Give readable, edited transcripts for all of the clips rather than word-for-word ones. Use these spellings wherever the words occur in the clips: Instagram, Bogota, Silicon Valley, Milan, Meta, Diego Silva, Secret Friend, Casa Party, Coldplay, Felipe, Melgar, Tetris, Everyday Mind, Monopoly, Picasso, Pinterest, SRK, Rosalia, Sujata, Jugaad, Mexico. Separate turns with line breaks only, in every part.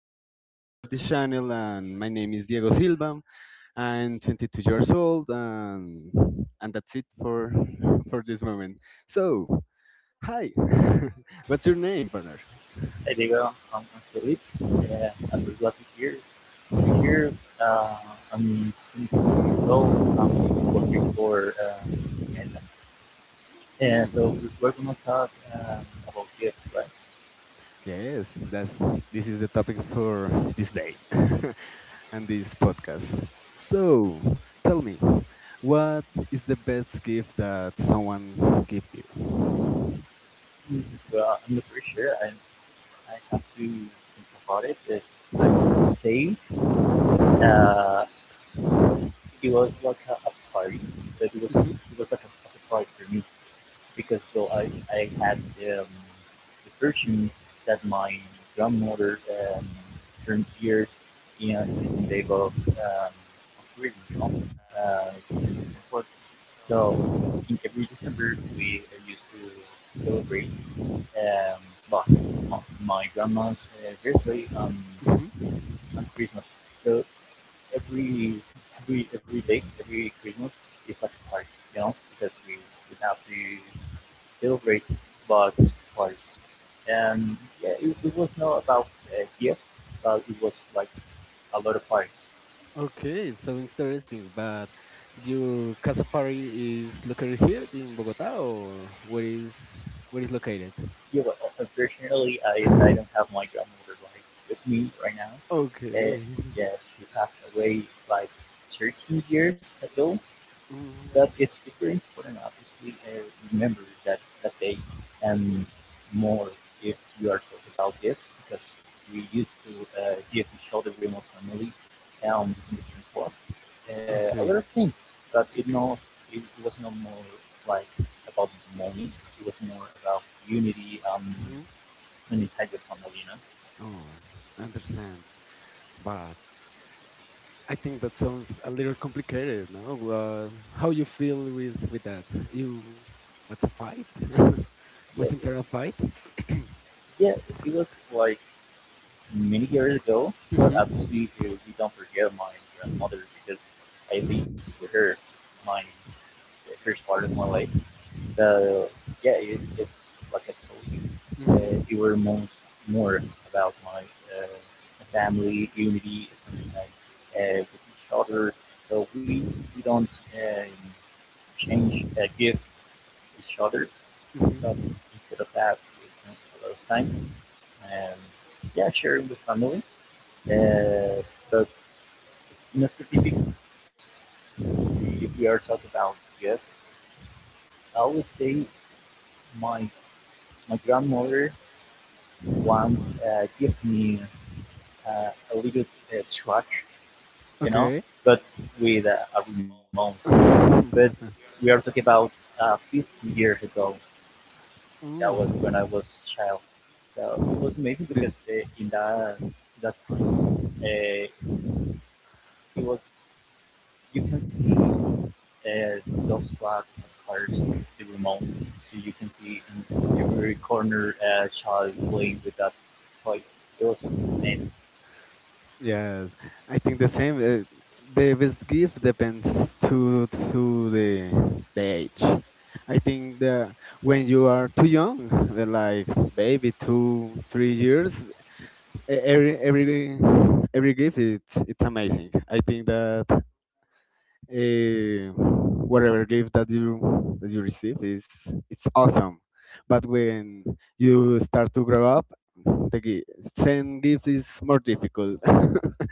host of this channel, and my name is Diego Silva. I'm 22 years old, and that's it for for this moment. So, hi. What's your name, partner?
Hey Diego, I'm Felipe. Uh, I'm just years. Here to be here. Uh, I'm 27 years old. I'm working for Meta. And
Mm.
we're going to talk about gifts, right?
Yes, that's this is the topic for this day and this podcast. So, tell me, what is the best gift that someone gave you?
Mm, well, I'm not pretty sure. I have to think about it. But I would say uh, it was like a party, but it was like a party for me. Because I had um, the version that my grandmother turned years in the day of, tourism, you know, uh, December. So in every December we used to celebrate um, but my, my grandma's birthday
Mhm. Mhm.
on Christmas. So every every every day, every Christmas is like a party, you know, because we have to Gilbert but horse, and yeah, it was not about here, but it was like a lot of horse.
Okay, so interesting. But your Casa Party is located here in Bogota, or where is located?
Yeah, but unfortunately, I don't have my grandmother like with me right now. Uh,
Okay.
yeah, she passed away like 13 years ago. But it's very important obviously remember that they and more if you are talking about gifts because we used to give each other remote family in the gym club a lot
Mm.
of things but it no it was no more like about money, it was more about unity and inside the family, you know.
Oh, I understand. But I think that sounds a little complicated, no? How you feel with that? You what a fight?
yeah
What
it,
internal fight?
yeah, it was like many years ago, but obviously we don't forget my grandmother because I lived with her my the first part of my life. The yeah, it's like I told you, it were most more about my uh, family unity sometimes with each other. So we don't um, change gift each other,
Hmm. Mm-hmm.
but instead of that, we spend a lot of time and yeah, sharing with family uh, but in a specific, if we are talking about gifts, I always say my my grandmother once gave me a little truck, you know,
Okay.
but with a remote. But we are talking about 15 years ago. That was when I
Oh.
was a child. So it was amazing
This.
because in that time, it was you can see There those tracks of cars with the remote, so you can see in every corner a child playing with that toy. It was amazing.
Yes, I think the same. The best gift depends to the age. I think the when you are too young, like baby 2 3 years, e- every every every gift it's amazing. I think that uh, whatever gift that you receive is it's awesome. But when you start to grow up, the gi- send gift is more difficult.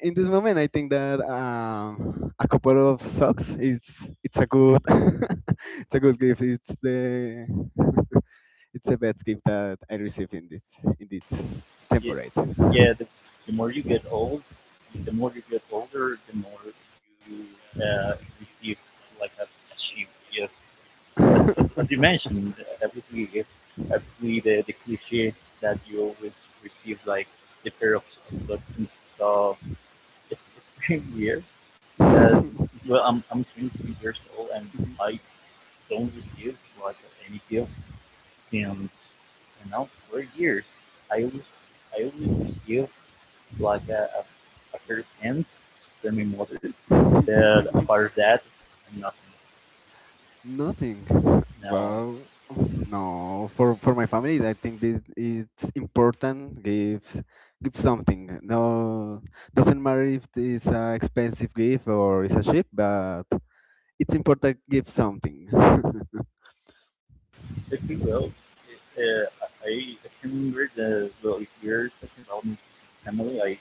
In this moment, I think that a couple of socks is it's a good it's a good gift. It's the it's the best gift that I received in this
Yeah,
temporary.
yeah. The more you get old, the more you get older, the more you uh, receive like a chip. Yes, as you mentioned, obviously, if, obviously the cliche that you always receive like the pair of socks and stuff. It's pretty weird, because well, I'm 23 years old and I don't receive like any gift since you know 4 years. I always I always receive like a pair of pants from my mother, but apart of that, nothing.
Nothing.
No,
Well, no. For my family, I think this it's important. Give something. No, doesn't matter if it's an expensive gift or it's a cheap, but it's important. Give something.
if you will, I can remember the well if you're talking about my family,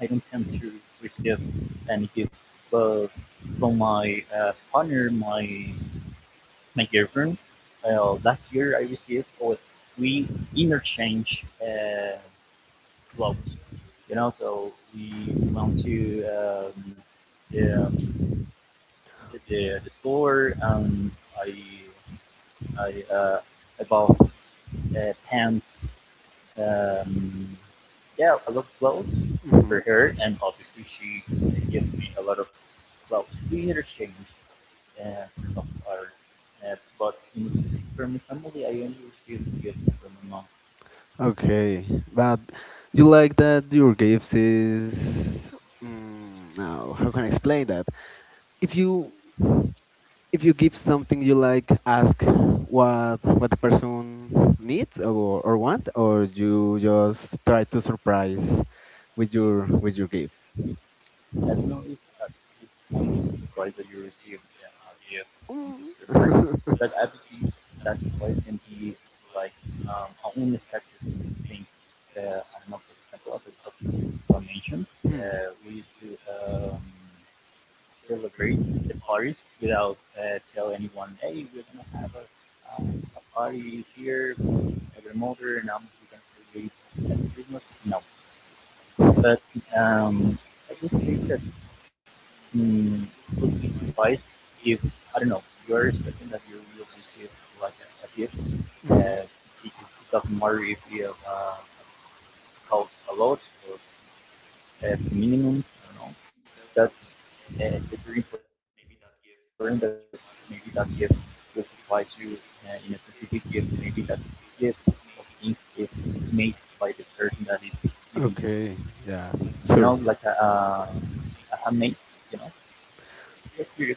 I don't tend to receive any gift, but from my partner, my girlfriend. Last year I received or we interchange clothes. You know, so we went to the, um, the store and I I uh, I bought pants. Um, yeah, a lot of clothes
Mhm,
for
mhm.
her, and obviously she gave me a lot of clothes. We interchanged uh, of art. But in specific for my family, I only received gifts from my mom.
Okay, but you like that your gifts is now how can I explain that? If you if you give something you like, ask what the person needs or want, or you just try to surprise with your gift.
I don't know if at this point it's a surprise that you received a gift on
Mm.
December, but obviously that surprise can be like an unexpected thing. I don't know, for example, as an explanation,
Hmm. Mhm.
we used to celebrate the parties without tell anyone, hey, we're gonna have a party here, you know, my grandmother and I'm gonna celebrate at Christmas. No, but um, I would say that mm it would be surprised if I don't know you're expecting that you will receive like a gift. Uh, it doesn't matter if you have cost a lot or as minimum. I don't know. That it's very important that maybe that gift specifies you in a specific gift. Maybe that gift of things is made by the person that is giving you.
Okay,
You know,
yeah,
like
sure.
a handmade, you know, that's beautiful.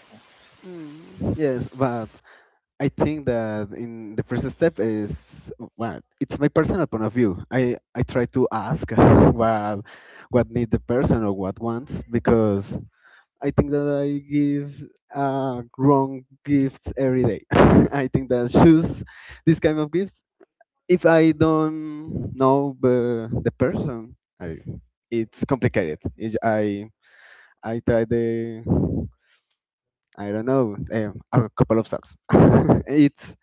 Mm, yes, but I think that in the first step is, well, it's my personal point of view. I try to ask what what need the person or what wants because I think that I give wrong gifts every day. I think that I choose this kind of gifts if I don't know the person. It's complicated. I try the I don't know a couple of socks. it's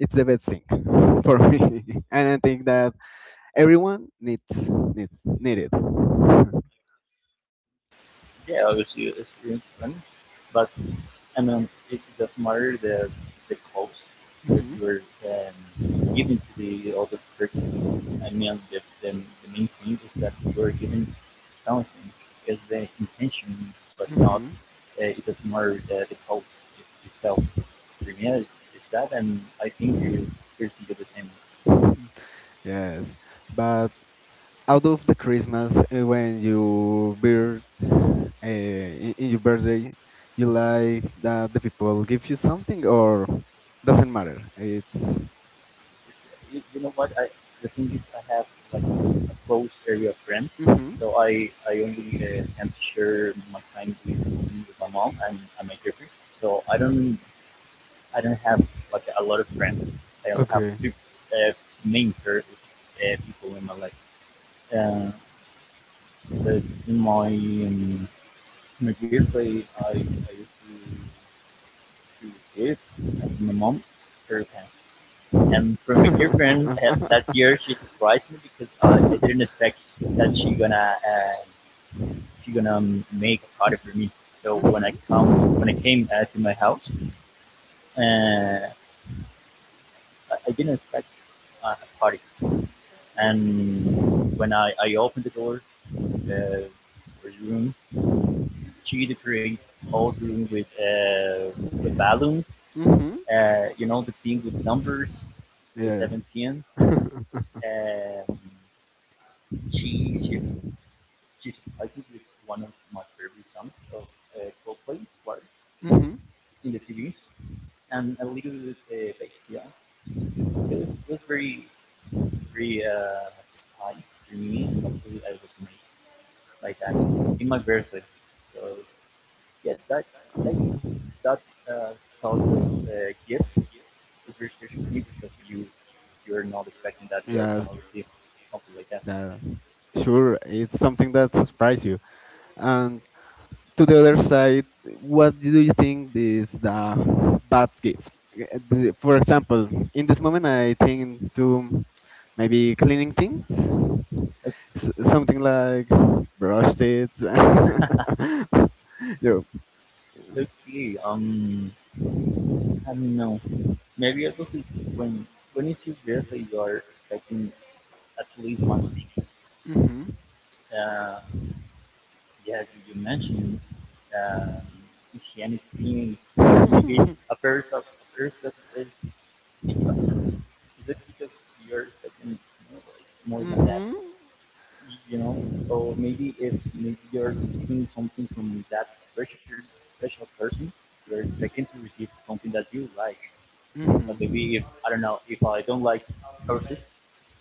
it's the best thing for me, and I think that everyone need it.
Yeah, obviously it's really fun, but I mean, it doesn't matter the cost that
Mhm.
you are giving to the other person. I mean, the main thing is that you are giving something because the intention, was not it was more the cult itself. For me, it's that, and I think you can do the same.
But. Hmm. Yes, but out of the Christmas, when you birth, in your birthday, you like that the people give you something or doesn't matter. It's the
You know what? I the thing is, I have like a close area of friends, so I only can share my time with only with my mom and my girlfriend. So I don't have like a lot of friends. I only have
Okay.
two uh, main people in my life. Uh, that in my um, in my kids I used to to give as my mom her pants. And for my girlfriend that year she surprised me because I didn't expect that she gonna make a party for me. So
Hmm.
when I came to my house, uh, I didn't expect a party. And I opened the door, uh, her room she decorates all the room with balloons.
Hmm.
You know the thing with numbers, the
Yes.
17. Um, she she she surprises with one of my favorite songs of Coldplay, "War"
Hmm.
in the TV, and a little bit bass. You it was very very uh, surprise to me, and obviously I was amazed by that in my birthday. So yeah, that that that uh, sort of gift it's very special for me because you're not expecting that
Yeah, yes.
you're gonna receive something like that.
Yeah. That. Sure, it's something that surprised you. And to the other side, what do you think is the bad gift? For example, in this moment, I think to maybe cleaning things, something like brush it. Yeah.
Okay, I don't know. Maybe I will think when when it's your birthday, you are expecting at least one thing.
Mhm.
Uh, yeah, mentioned um, Christianic things, or maybe a pair that is it's
It
is it because you're expecting more, like, more than that?
Mhm.
You know. So maybe if maybe you're receiving something from that special special person, you're expecting to receive something that you like. But
Mhm.
maybe if I don't know, if I don't like horses,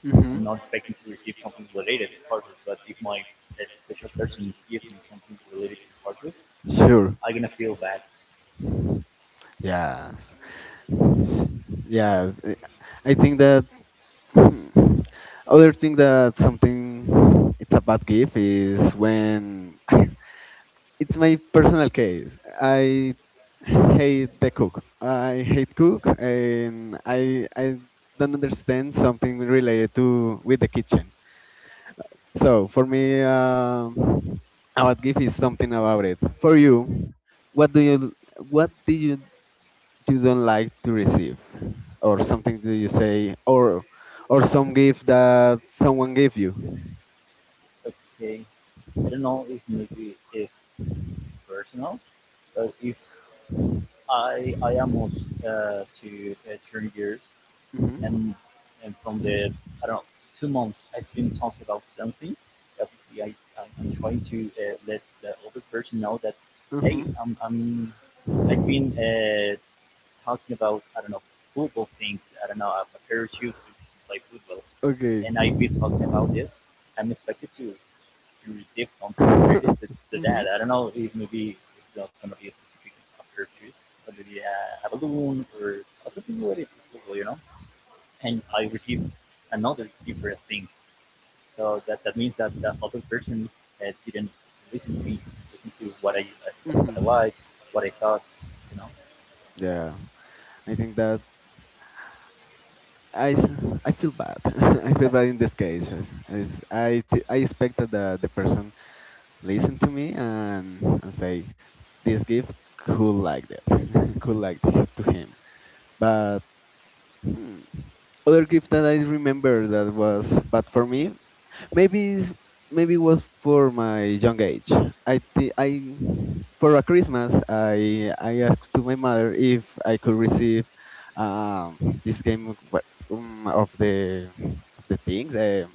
Mhm.
I'm not expecting to receive something related to horses. But if my special person gives me something related to horses,
Sure.
I'm gonna feel bad.
Yes. I mean, yes. I think that. Hmm. Other thing that something it's a bad gift is when it's my personal case. I hate the cook. I hate cook, and I don't understand something related to with the kitchen. So for me, a bad gift is something about it. For you, what do you what did you you don't like to receive or something do you say or some gift that someone gave you.
Okay, I don't know if maybe if it's personal, but if I almost to turn gears
Hmm.
and and from the I don't know 2 months I've been talking about something. Obviously, I'm- trying to let the other person know that hey,
Hmm.
I'm I've been talking about I don't know football things. I don't know I've a parachute to play football,
Okay.
and I've been talking about this. I'm expected to receive something related to that.
Mhm.
I don't know if maybe it's not gonna be a specific parachute, but maybe a balloon or something related to football. You know and I received another different thing. So that means that the other person didn't listen to me, listen to what I
Mhm.
like, what I thought, you know.
Yeah, I think that I feel bad. I feel bad in these cases. I expected that the person listen to me and say this gift could like that, could like that to him. But hmm, other gift that I remember that was bad for me, maybe it's- maybe it was for my young age. I for a Christmas I asked to my mother if I could receive, um, this game of, of the things,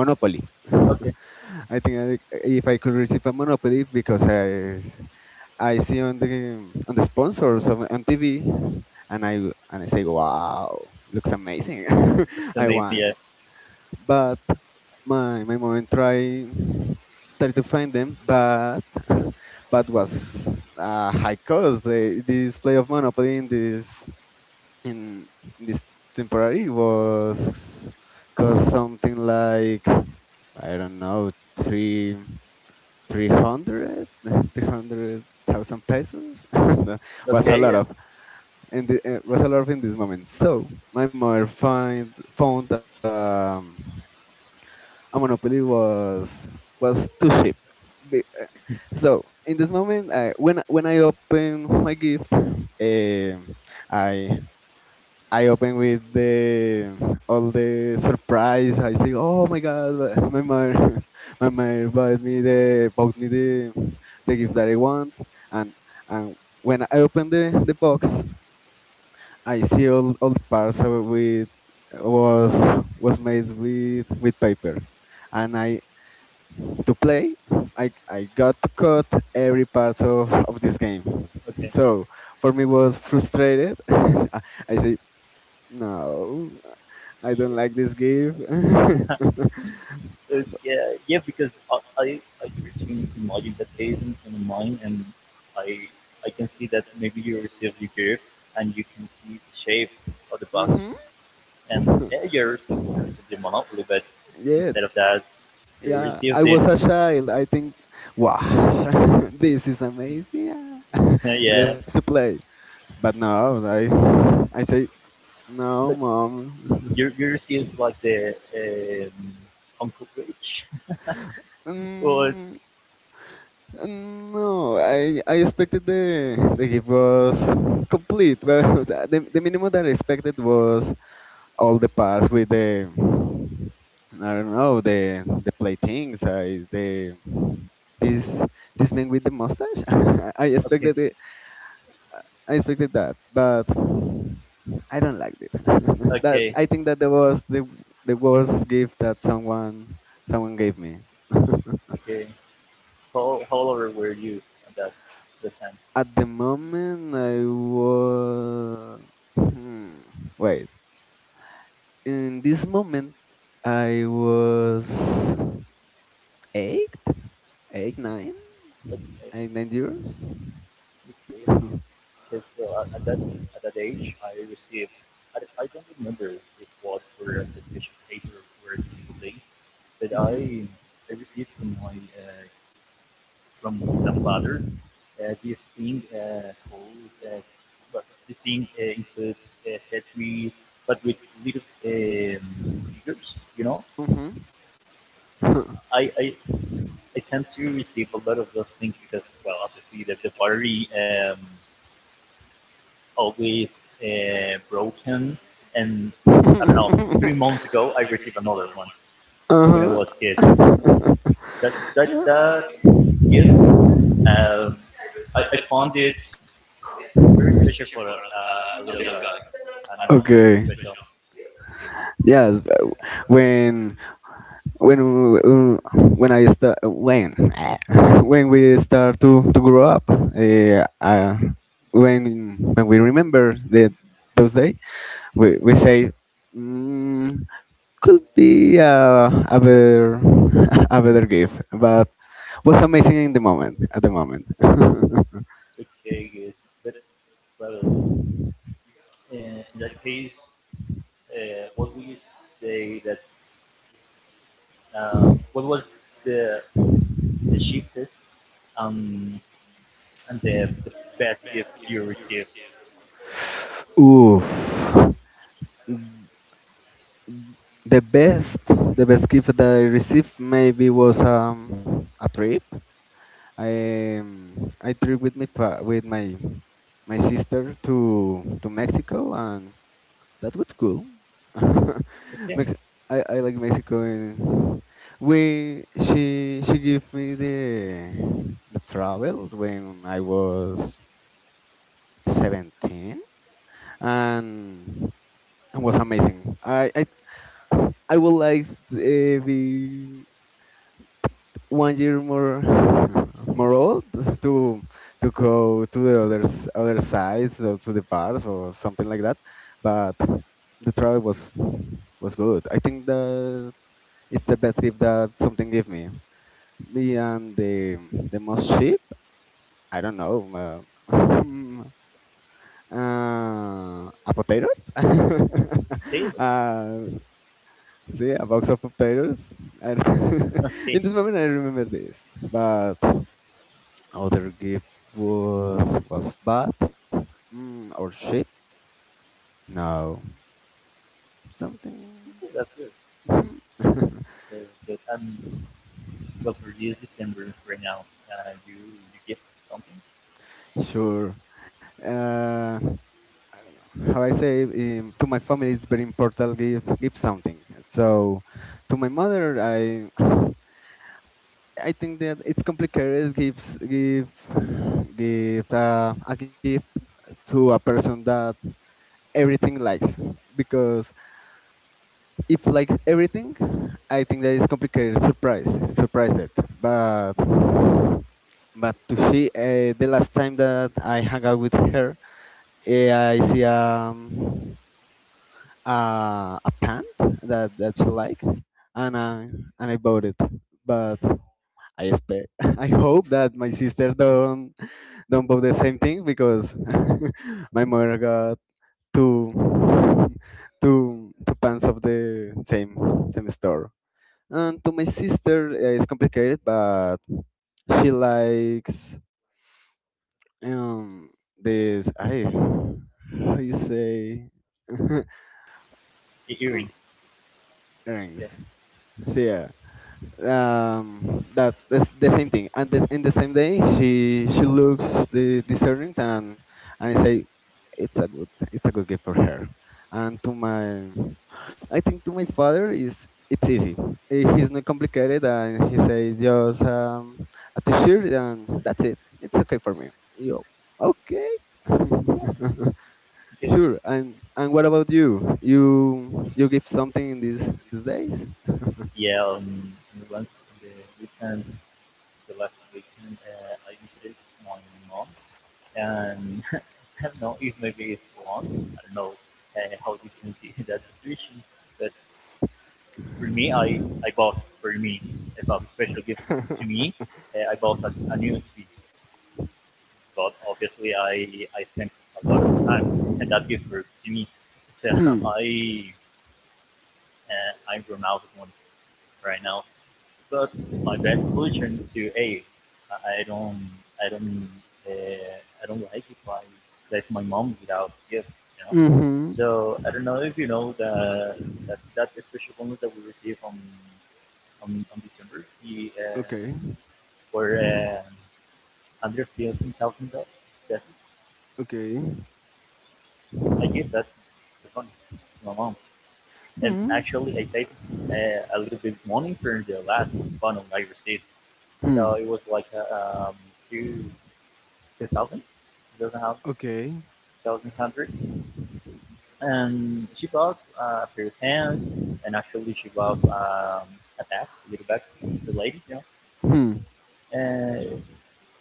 Monopoly.
Okay,
I think, if I could receive a Monopoly because I see on the sponsors on TV and I say, wow, looks amazing.
that's
I want
amazing. Yeah.
but my mom try to find them, but but was high cost. This play of Monopoly in in, this temporary was cost something like I don't know three hundred 300,000 pesos. That was a lot
Okay. Yeah.
of, and was a lot of in this moment. So my mother find found. A monopoly was too cheap. Be- So in this moment, when I open my gift, I I open with the all the surprise. I say, oh my god, my mother, my mother bought me the gift that I want, and when I open the box, I see all the parts of it with, was was made with paper, and I to play, I got to cut every part of this game.
Okay.
So for me was frustrated. I say no, I
Yeah.
don't like this game.
Okay. Yeah. yeah, because I try to imagine that case in mind, and I I can see that maybe you receive your gift, and you can see the shape of the box,
Mhm.
and yeah, you're supposed to receive the monopoly, but
Yes,
instead of that, you
yeah,
received
I
it
was a child. I think, wow, this is amazing. Yeah.
yeah,
Let's play. But now I say no,
but
mom.
you received like the um, uncle rich. What?
Um, no, I expected the gift was complete, but o sea, the minimum that I expected was all the parts with the I don't know the play things. Is the this this man with the mustache? I
Okay,
expected it. I expected that, but I don't like it. that
okay,
I think that was the worst gift that someone gave me.
okay. How old were you at that the time?
At the moment, I was. Hmm, wait. In this moment, I was eight, eight, nine,
Okay,
eight, 9 years.
okay. Because well, at that age, I received. I don't remember if what for a special paper or for a special day, but
Mhm.
I received from my from the father. This thing called, well, this thing includes Tetris, but with little figures. You know,
Mm-hmm. Uh,
I, I I tend to receive a lot of those things because, well, obviously the battery always broken, and I don't know.
three
Three months ago, I received another one when I was a
It
kid.
was.
That that that gift, um, I found it very special for a little guy. I know it's very special.
Yes, but when when when when we start to grow up, when we remember that those day, we say, mm, could be a better a better gift, but was amazing in the moment at the moment.
Cupcake is best product. In that case, what would you say that what was the cheapest, um, and the best gift you received?
Oof, the best gift that I received maybe was, a trip, I trip with with my sister to Mexico, and that was cool.
Okay,
Mex- I like Mexico, and we she gave me the travel when I was 17, and it was amazing. I would like to, be one year more more old to to go to other sides or to the bars or something like that, but the travel was good. I think that it's the best gift that something gave me, and the most cheap. I don't know, a potatoes,
table.
uh, see, a box of potatoes. I don't-
Okay,
in this moment I remember this, but other gift was bat, or sheep. No, something.
that's good.
Hmm.
That's good. And, well, for this December right now. You give something.
Sure. Uh, how I say, to my family, it's very important, give something. So to my mother, I think that it's complicated. give a gift to a person that everything likes because if like everything, I think that is complicated. Surprise it. But to she, the last time that I hung out with her, I see, a pant that she like, and I bought it. But I expect, I hope that my sister don't buy the same thing because my mother got two two pants of the same store. And to my sister, it's complicated, but she likes, um this. I how you say,
The earrings.
earrings.
Okay.
So yeah, that's the same thing. And in the same day she looks these earrings, and I say, it's a good, gift for her. And to my I think to my father, is it's easy. He's not complicated and he says just, a t-shirt, and that's it, it's okay for me, yo. Okay.
Yeah. Okay.
Sure, and what about you give something in these days?
Yeah. Once the, we can the last weekend, I visited my mom, and I don't know if maybe it's wrong. I don't know how you can see that situation, but for me, I
Hmm.
I bought for me as a special gift to me. I bought a new TV, but obviously I spent a lot of time and that gift for to me. So I I'm grown out of one right now, got my resolution to, hey, I don't, I don't, I don't like if I left my mom without gift, you know.
Mm-hmm.
So I don't know if you know the that that special bonus that we received on December, the
Okay.
for $115,000. That,
Okay.
I give that the money to my mom, and
Hmm.
actually I saved a little bit money for the last bonus I received. So
Hmm.
it was like two 2000, 2000,
Okay.
and she bought a pair of pants, and actually she bought a tax, a little back, to the lady.
Hmm.
And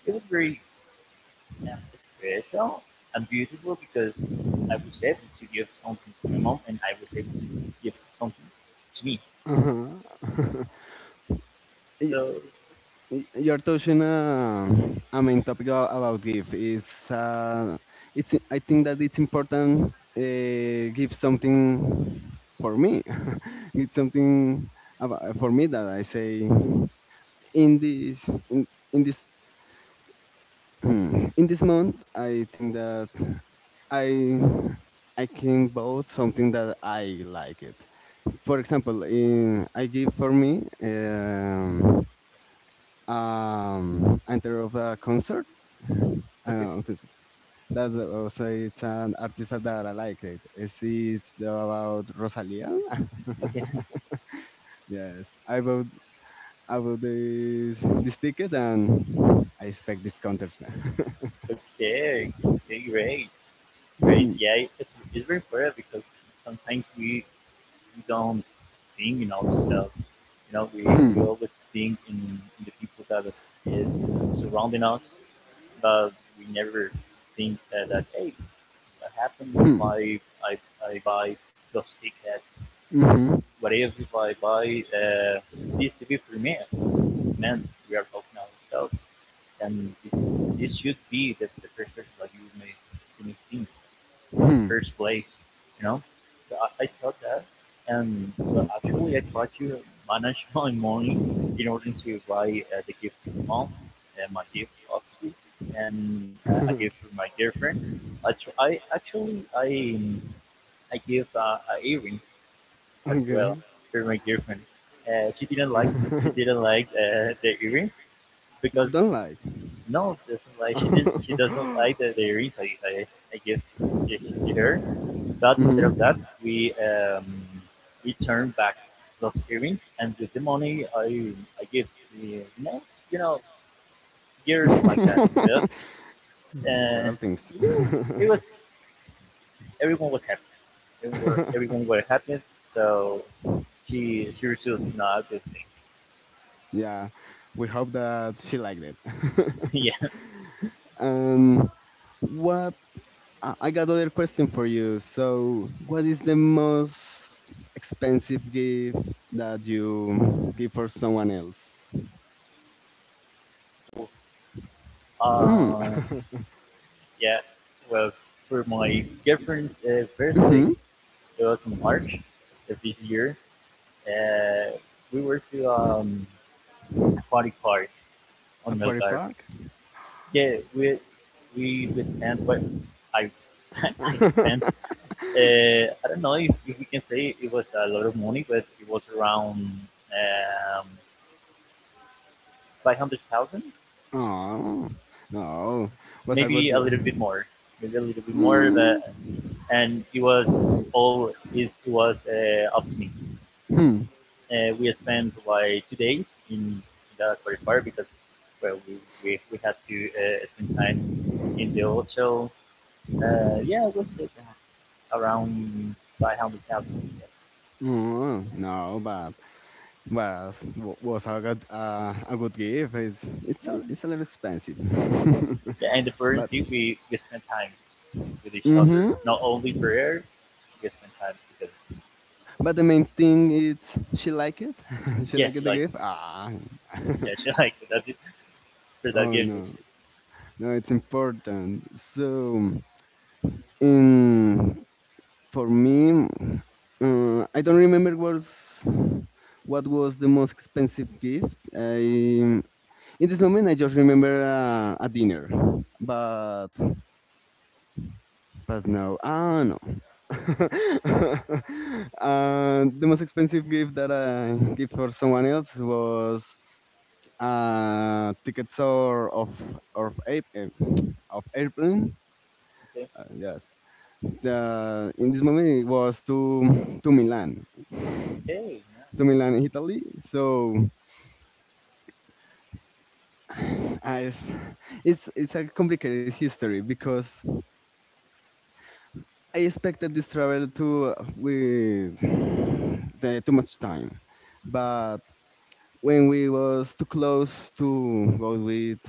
it was very uh, special and beautiful because I was able to give something to my mom, and I was able to give something to me.
Uh-huh. Y-
So,
You're touching a main topic, about give. It's I think that it's important, give something for me. It's something about, for me, that I say in this, in this in this month. I think that I I can vote something that I like it. For example, I give for me, enter of a concert
okay,
uh, concert. That also it's an artist that I like it. It's about Rosalia.
okay.
Yes, I bought this ticket and I expect this concert.
Okay, great, great. Yeah, it's very important because sometimes we don't think in ourselves. You know, we,
Hmm.
we always think in the people that is surrounding us, but we never think that, hey, what happens if
Hmm.
I buy those tickets?
Mhm.
What if I buy this TV me? Man, we are talking ourselves, and this should be the first person that you may think at the
Hmm.
first place, you know. So I thought that, and but actually I tried to manage my money in order to buy the gift for my mom and my gift obviously, and a gift for my girlfriend. I, tr- I actually I give a earring as
Okay.
well for my girlfriend. Uh, she didn't like she didn't like the earrings because
Don't like.
no doesn't like she did she doesn't like the earrings I give to, her. But instead of that,
Mhm.
we returned back those earrings, and with the money, I give the next years like that, you know. And,
Girl things.
yeah, it was everyone was happy. Everyone were happy. So she received a good thing.
Yeah, we hope that she liked it.
Yeah.
um, what? I got other question for you. So, what is the most expensive gift that you give for someone else? Hmm.
Uh, yeah. Well, for my girlfriend's birthday,
Hmm.
it was in March of this year. Uh, we were to aquatic park on
Aquatic
Melgar.
Park?
Yeah, we spent. Well, I I spent. I don't know if we can say it was a lot of money, but it was around um, five hundred thousand,
Oh, no. Was a good
maybe a
job.
little bit more, maybe a little bit more.
Mm.
But and it was all it was up to me.
Hmm.
We spent like 2 days in the qualifier because, well, we had to spend time in the hotel. Yeah, what's it? Around 500,000.
Oh, no, but was was a good gift. It's it's
Yeah.
a, it's a little expensive,
Yeah, and the first
but
thing we spend time with each other,
hmm
not only prayer, we spend time because,
but the main thing is she like it. She
yeah,
like
she
the
likes it.
gift. Ah,
Yeah, she likes it. That's it. So that
oh,
gives us
no,
shit.
no, it's important. So, in for me, I don't remember was what was the most expensive gift. I In this moment, I just remember a dinner, but but no, ah, no. The most expensive gift that I give for someone else was tickets or of ape, of airplane.
Okay,
Yes, in this moment it was to Milan,
okay, nice.
to Milan, Italy. So I, it's a complicated history because I expected this travel to with too much time, but when we was too close to go with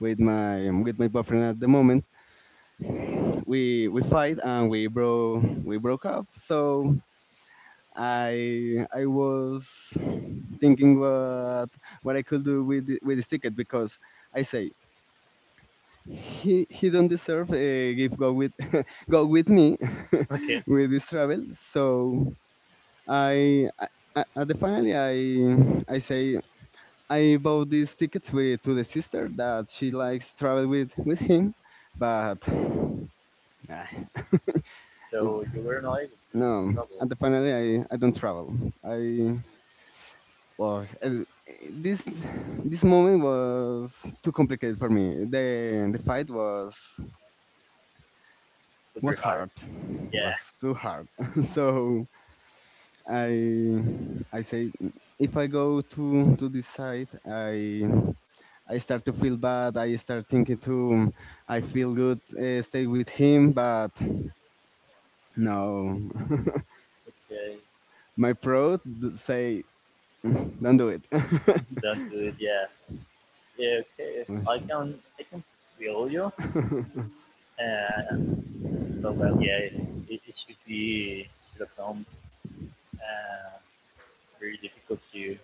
with my um, with my boyfriend at the moment, we fight and we broke up. So I was thinking what I could do with this ticket because I say he don't deserve a give go with go with me
Okay.
with this travel. So I, I at the finally I say I bought these tickets with to the sister that she likes travel with him, but ah,
So
it's,
you were not able to
no.
trouble.
At the finally I don't travel. I was this this moment was too complicated for me. The fight was
It's very
was
hard.
hard,
Yeah,
was too hard. So I say if I go to this site. I start to feel bad. I start thinking I feel good, stay with him, but no.
okay.
My say, "Mm, don't do it."
Don't do it. Yeah, yeah, okay. I
Ush.
can, I can feel you. Uh, so, well, yeah, it should be, should have come. Uh, very difficult to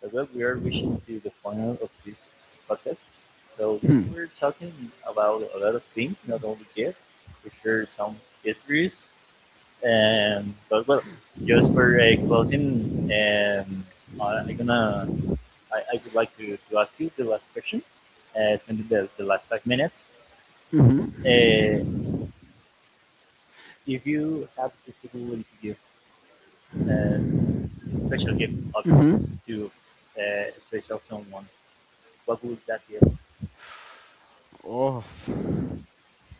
So, well, we are reaching to the final of this podcast, so we were talking about a lot of things, not only yet, we shared some histories, and but, well, just for closing, I, I gonna I would like to ask you the last question, spending the last 5 minutes.
Hmm. Mhm.
Uh, if you have the possibility to give uh, a special gift, obviously,
Mm-hmm.
to uh, a special someone, what would that be?
Oh,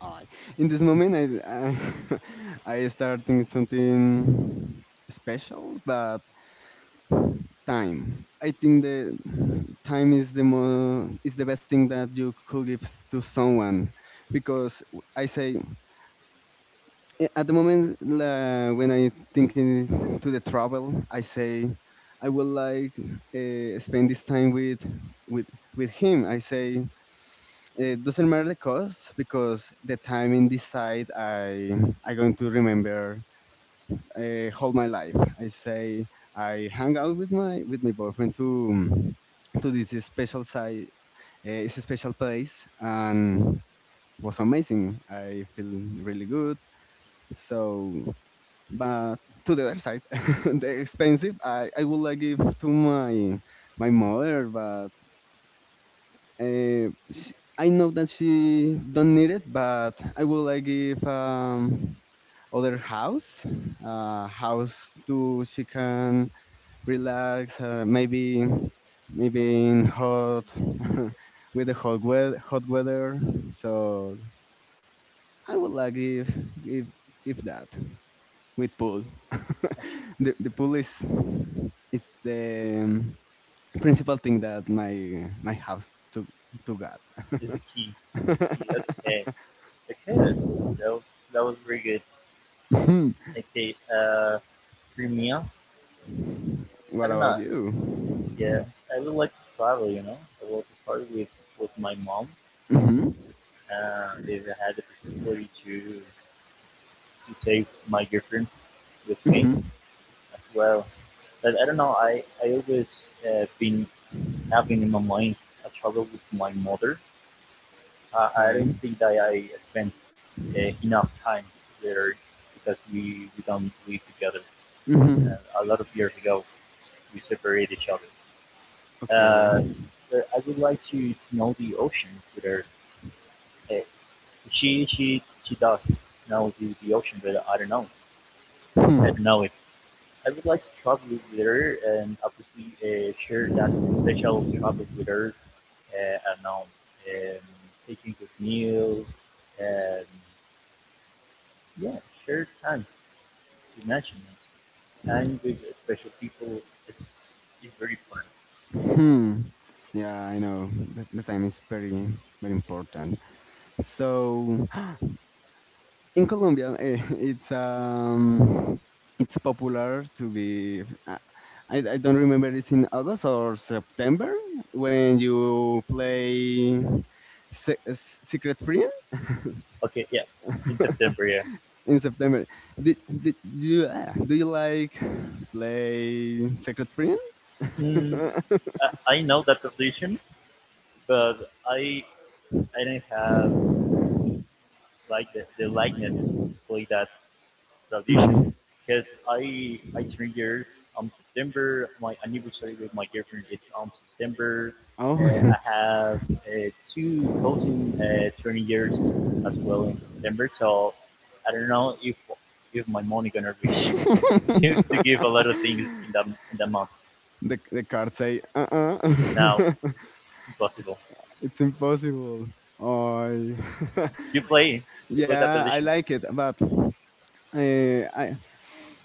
I. in this moment, I start thinking something special, but time. I think the time is the more is the best thing that you could give to someone, because I say at the moment when I thinking to the travel I say I would like spend this time with with him I say it doesn't matter the cost because the time in this side I going to remember all my life I say I hang out with my boyfriend to this special side. It's a special place and was amazing. I feel really good. So but to the other side, the expensive, I would like give to my mother, but sh I know that she don't need it, but I would like give other house, house to she can relax, maybe in hot with the hot weather, hot weather. So I would like give that with pool. The pool is it's the principal thing that my house to got.
Is the key. Is the key. Okay. Okay. That was, that was very good. Okay. For I
What
don't
about
know.
you?
Yeah, I would like to travel. You know, I would like to travel with my mom.
Hmm.
If I had the possibility to take my girlfriend with me
Hmm.
as well. But I don't know. I always been having in my mind a travel with my mother. I
Okay.
don't think that I spent enough time there because we don't live together.
Hmm.
A lot of years ago, we separated each other.
Okay.
Uh, I would like to know the ocean with her. Uh, she does know the ocean, but I don't know. I
Hmm.
don't know it. I would like to travel with her, and obviously share that special travel with her. I don't know, um, taking good meals and, yeah, sure time. Imagine it. Time with special people is, is very fun.
Hmm. Yeah, I know. That the time is very very important. So in Colombia, it's popular to give. I don't remember it's in August or September when you play Secret Friend
Okay, yeah, in September, yeah.
in September. Do you like play Secret Friend?
Mm, I know that position, but I
Hmm.
I don't have like the likeness to play that. Tradition, because I turn years on September. My anniversary with my girlfriend is on September.
Oh,
I have two cousin turning years as well in September. So I don't know if my money gonna reach to, give a lot of things in that month.
the card say uh
Now
uh
impossible.
It's impossible. I
You play you play that
Yeah, I
tradition?
like it, but I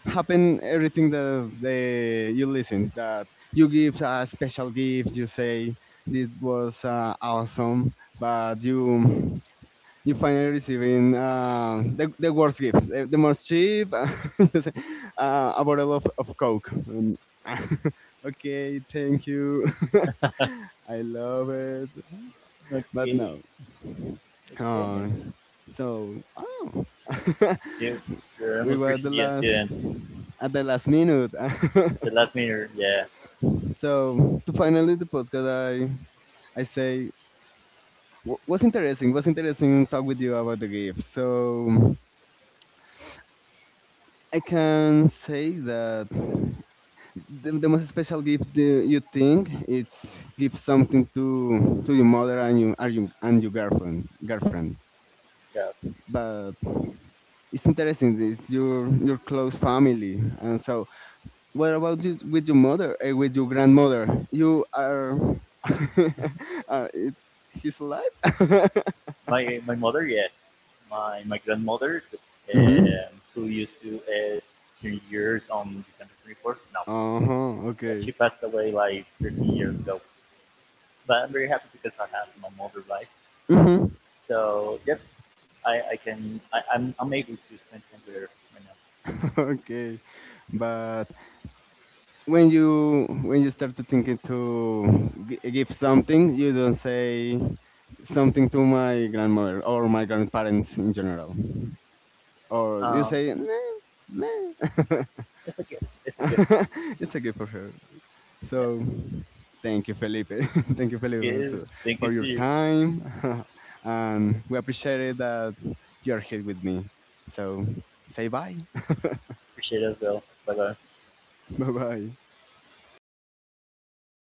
happen everything that you listen that you give a special gift. You say this was awesome, but you finally receiving the worst gift, the most cheap. You say, a bottle of coke. And okay, thank you. I love it but
Okay,
no.
okay.
Uh, so, oh,
You you're
we
almost
were the
reaching
last at the last minute.
the last minute. Yeah,
So to finally the podcast, I say, Was interesting. Was interesting talk with you about the gift. So I can say that the most special gift you think it's give something to your mother and you and your girlfriend.
yeah.
But it's interesting. It's your close family, and so what about you with your mother? With your grandmother, you are. Are it's his life.
My mother, yes. My grandmother,
Hmm.
who used to turn years on December 24th. No,
Uh huh.
yeah, she
Okay.
passed away like 13 years ago. But I'm very happy because I have my mother life.
Mm-hmm.
So, yep, I'm able to spend time with her right
Okay, but when you start to think it to give something you don't say something to my grandmother or my grandparents in general
now.
or you say nah, nah.
It's a gift. It's a gift.
It's a gift for her,
Yeah,
so thank you, Felipe.
it's
Thank you,
a
Felipe,
gift. Thank you
for
to
your
you.
time. And we appreciate it that you are here with me, so say bye.
Appreciate it as well. Bye bye.
Bye bye.